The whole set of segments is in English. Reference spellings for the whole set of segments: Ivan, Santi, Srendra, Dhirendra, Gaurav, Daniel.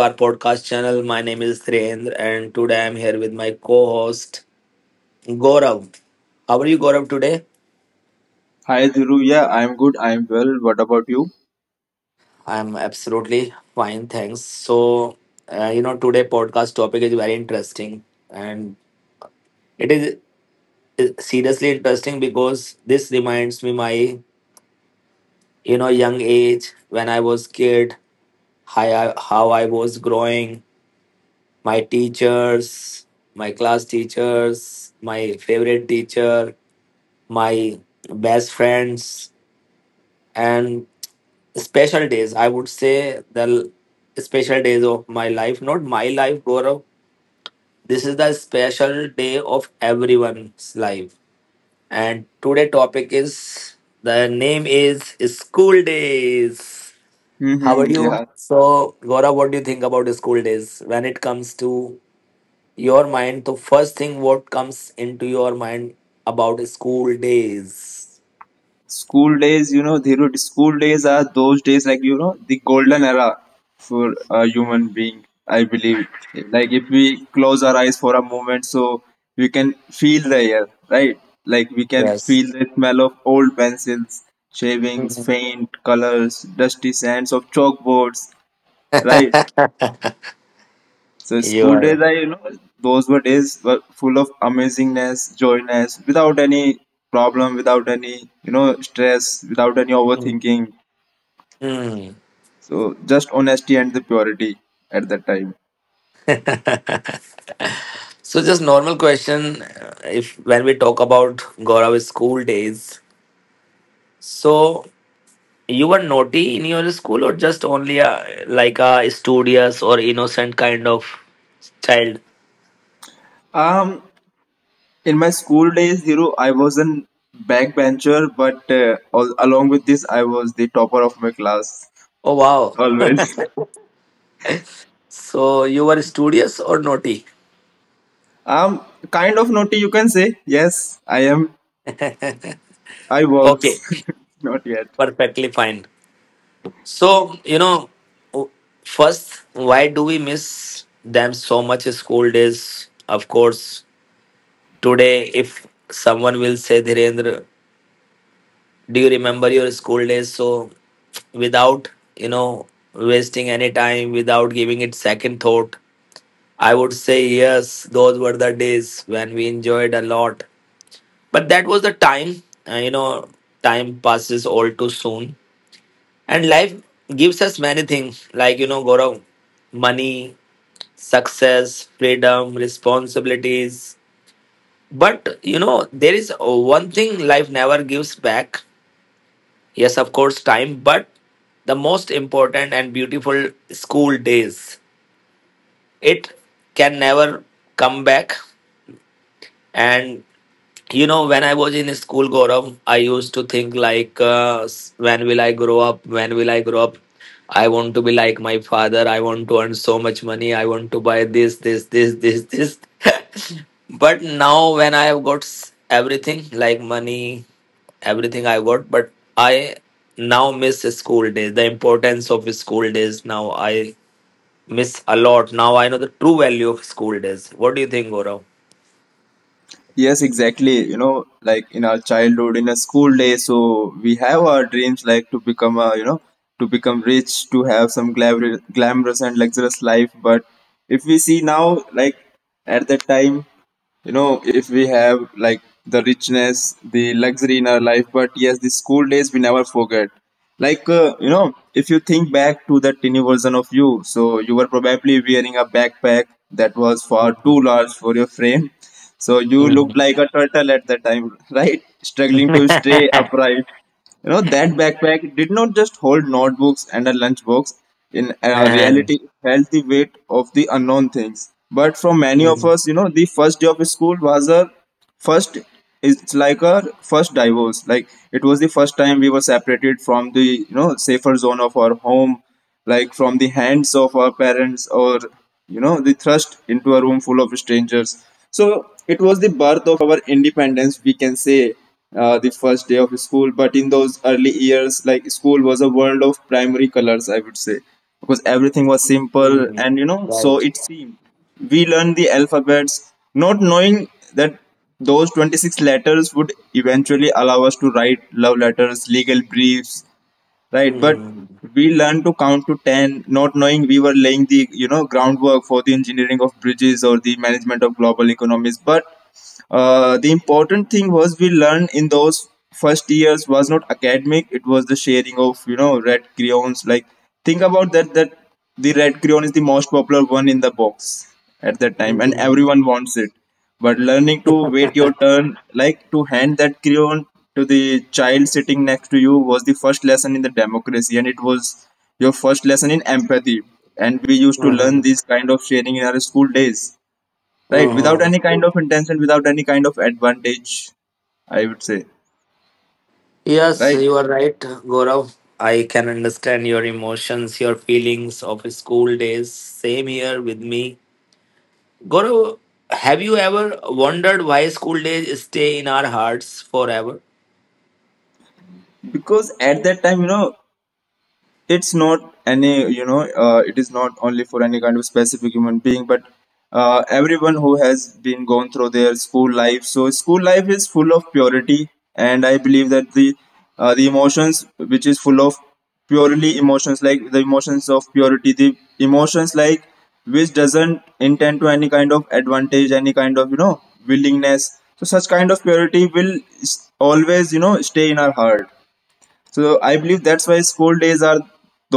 our podcast channel. My name is Srendra, and today I'm here with my co-host Gaurav. How are you, Gaurav? Today, Hi Dhiru, yeah, I'm good, I'm well. What about you? I'm absolutely fine, thanks. So, today podcast topic is very interesting, and it is seriously interesting because this reminds me my young age when I was kid, how I was growing, my teachers, my class teachers, my favorite teacher, my best friends, and special days, I would say the special days of my life, not my life, Gaurav. This is the special day of everyone's life. And today topic is, the name is, school days. How are Mm-hmm, you, yeah. so Gaurav, what do you think about school days? When it comes to your mind, the first thing, what comes into your mind about school days? School days, Dhiru, school days are those days like, the golden era for a human being, I believe. Like, if we close our eyes for a moment, so we can feel the air, right? Like, we can Yes. feel the smell of old pencils, shavings, faint colors, dusty sands of chalkboards, right? So You school days, are. Those were days were full of amazingness, joyness, without any problem, without any stress, without any Mm. overthinking. Mm. So just honesty and the purity at that time. So just normal question. If when we talk about Gaurav's school days, so you were naughty in your school or just only a, like a studious or innocent kind of child? Um, in my school days, Dhiru, I was an backbencher, but along with this, I was the topper of my class Oh wow. always. So you were studious or naughty? Um, kind of naughty, you can say. Yes, I am. I was Okay, not yet. perfectly fine. So, you know, first, why do we miss them so much? Is school days, of course. Today, if someone will say, Dhirendra, do you remember your school days? So, without, you know, wasting any time, without giving it second thought, I would say, yes, those were the days when we enjoyed a lot. But that was the time, uh, you know, time passes all too soon. And life gives us many things, like, you know, Gaurav, money, success, freedom, responsibilities. But, you know, there is one thing life never gives back. Yes, of course, time, but the most important and beautiful school days. It can never come back. And you know, when I was in school, Gaurav, I used to think like, when will I grow up, when will I grow up, I want to be like my father, I want to earn so much money, I want to buy this this this this this. But now when I have got everything, like money, everything I got, but I now miss school days. The importance of school days now I miss a lot. Now I know the true value of school days. What do you think, Gaurav? Yes, exactly. Like in our childhood, in a school day, so we have our dreams like to become to become rich, to have some glamorous and luxurious life. But if we see now, like at that time, if we have like the richness, the luxury in our life. But yes, the school days we never forget. Like, if you think back to that tiny version of you, so you were probably wearing a backpack that was far too Mhm. large for your frame, so you looked like a turtle at that time right? Struggling Mhm. to stay upright, that backpack did not just hold notebooks and a lunchbox. In Uh-huh. reality, it held the weight of the unknown things. But for many of Mm, us, the first day of school was first, it's like a first divorce. Like, it was the first time we were separated from the, safer zone of our home, like from the hands of our parents, or the thrust into a room full of strangers. So it was the birth of our independence, we can say, the first day of school. But in those early years, like, school was a world of primary colors, I would say, because everything was simple. mm. And so Right. it seemed, we learned the alphabets, not knowing that those 26 letters would eventually allow us to write love letters, legal briefs, right? But Mm, we learned to count to 10, not knowing we were laying the, groundwork for the engineering of bridges or the management of global economies. But the important thing was we learned in those first years was not academic. It was the sharing of, red crayons. Like, think about that that the red crayon is the most popular one in the box at that time, and mm. everyone wants it. But learning to wait your turn, like to hand that crayon to the child sitting next to you, was the first lesson in the democracy, and it was your first lesson in empathy. And we used to learn Mhm, these kind of sharing in our school days, right, without mhm. any kind of intention, without any kind of advantage, I would say, Yes, right? you are right, Gaurav. I can understand your emotions, your feelings of school days. Same here with me. Gaurav, have you ever wondered why school days stay in our hearts forever? Because at that time, it's not any it is not only for any kind of specific human being, but everyone who has been gone through their school life. So school life is full of purity, and I believe that the emotions which is full of purely emotions, like the emotions of purity, the emotions like which doesn't intend to any kind of advantage, any kind of willingness. So such kind of purity will always stay in our heart. So I believe that's why school days are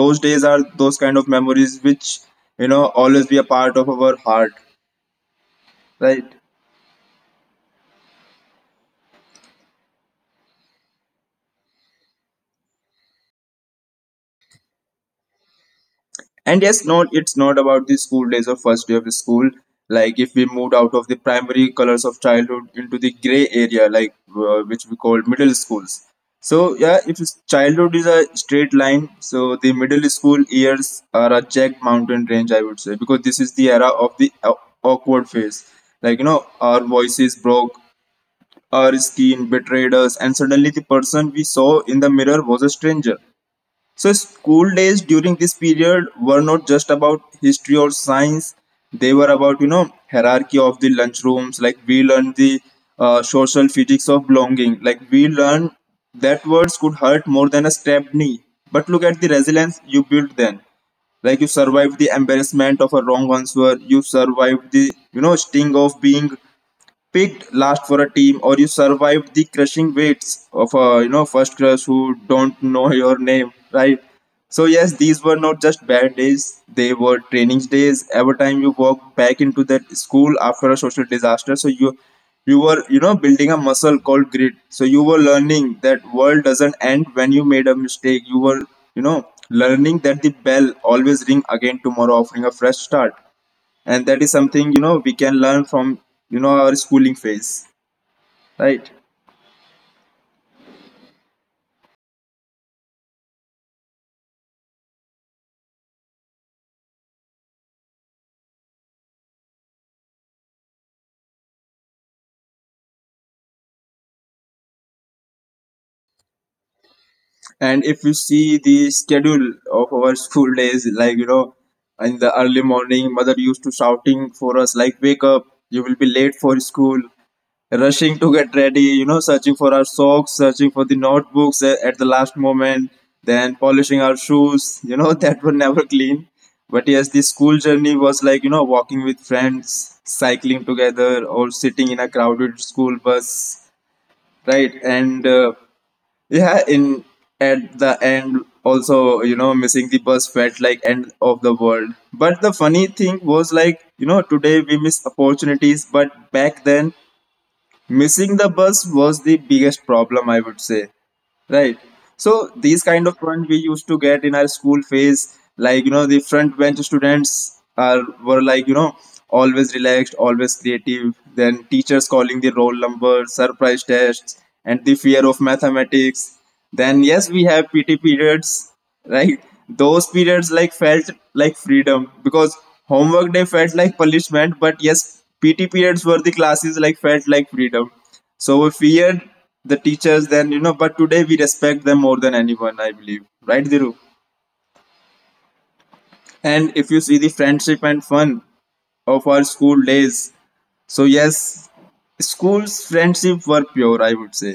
those days, are those kind of memories which always be a part of our heart, right? And yes, no, it's not about the school days or first day of school. Like, if we moved out of the primary colors of childhood into the gray area, like, which we call middle schools. So yeah, if it's- childhood is a straight line, so the middle school years are a jagged mountain range, I would say, because this is the era of the awkward phase. Like, our voices broke. Our skin betrayed us, and suddenly the person we saw in the mirror was a stranger. So school days during this period were not just about history or science, they were about, hierarchy of the lunchrooms. Like, we learned the social physics of belonging. Like, we learned that words could hurt more than a stabbed knee. But look at the resilience you built then. Like, you survived the embarrassment of a wrong answer, you survived the sting of being picked last for a team, or you survived the crushing weights of a first crush who don't know your name, right? So yes, these were not just bad days, they were training days. Every time you walked back into that school after a social disaster, so you were building a muscle called grit. So you were learning that world doesn't end when you made a mistake. You were you know learning that the bell always ring again tomorrow, offering a fresh start. And that is something we can learn from our schooling phase, right? And if you see the schedule of our school days, like, in the early morning, mother used to shouting for us, like, wake up, you will be late for school, rushing to get ready, searching for our socks, searching for the notebooks at the last moment, then polishing our shoes, that were never clean. But yes, the school journey was like, walking with friends, cycling together, or sitting in a crowded school bus, right? And yeah, in at the end, also, missing the bus felt like end of the world. But the funny thing was, like, today we miss opportunities, but back then missing the bus was the biggest problem, I would say, right? So these kind of front we used to get in our school phase, like, the front bench students are were, like, always relaxed, always creative. Then teachers calling the roll number, surprise tests, and the fear of mathematics. Then yes, we have PT periods, right? Those periods, like, felt like freedom, because homework day felt like punishment. But yes, PT periods were the classes, like, felt like freedom. So we feared the teachers then, but today we respect them more than anyone, I believe, right, Dhiru? And if you see the friendship and fun of our school days, so yes, school's friendship were pure, I would say,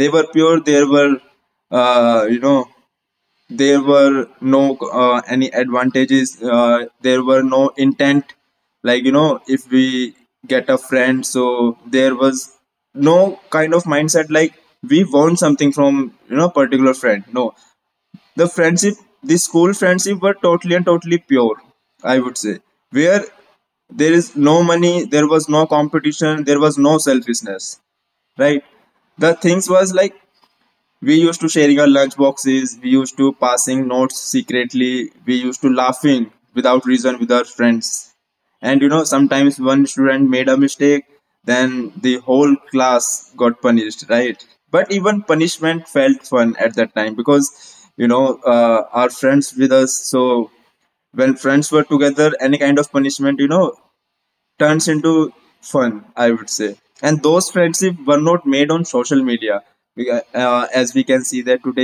they were pure. There were uh, you know there were no any advantages, there were no intent. Like, if we get a friend, so there was no kind of mindset like we want something from particular friend. No, the friendship the school friendship were totally and totally pure, I would say, where there is no money, there was no competition, there was no selfishness, right? The things was like, we used to sharing our lunch boxes, we used to passing notes secretly, we used to laughing without reason with our friends. And sometimes one student made a mistake, then the whole class got punished, right? But even punishment felt fun at that time, because our friends with us. So when friends were together, any kind of punishment turns into fun, I would say. And those friendships were not made on social media. As we can see that today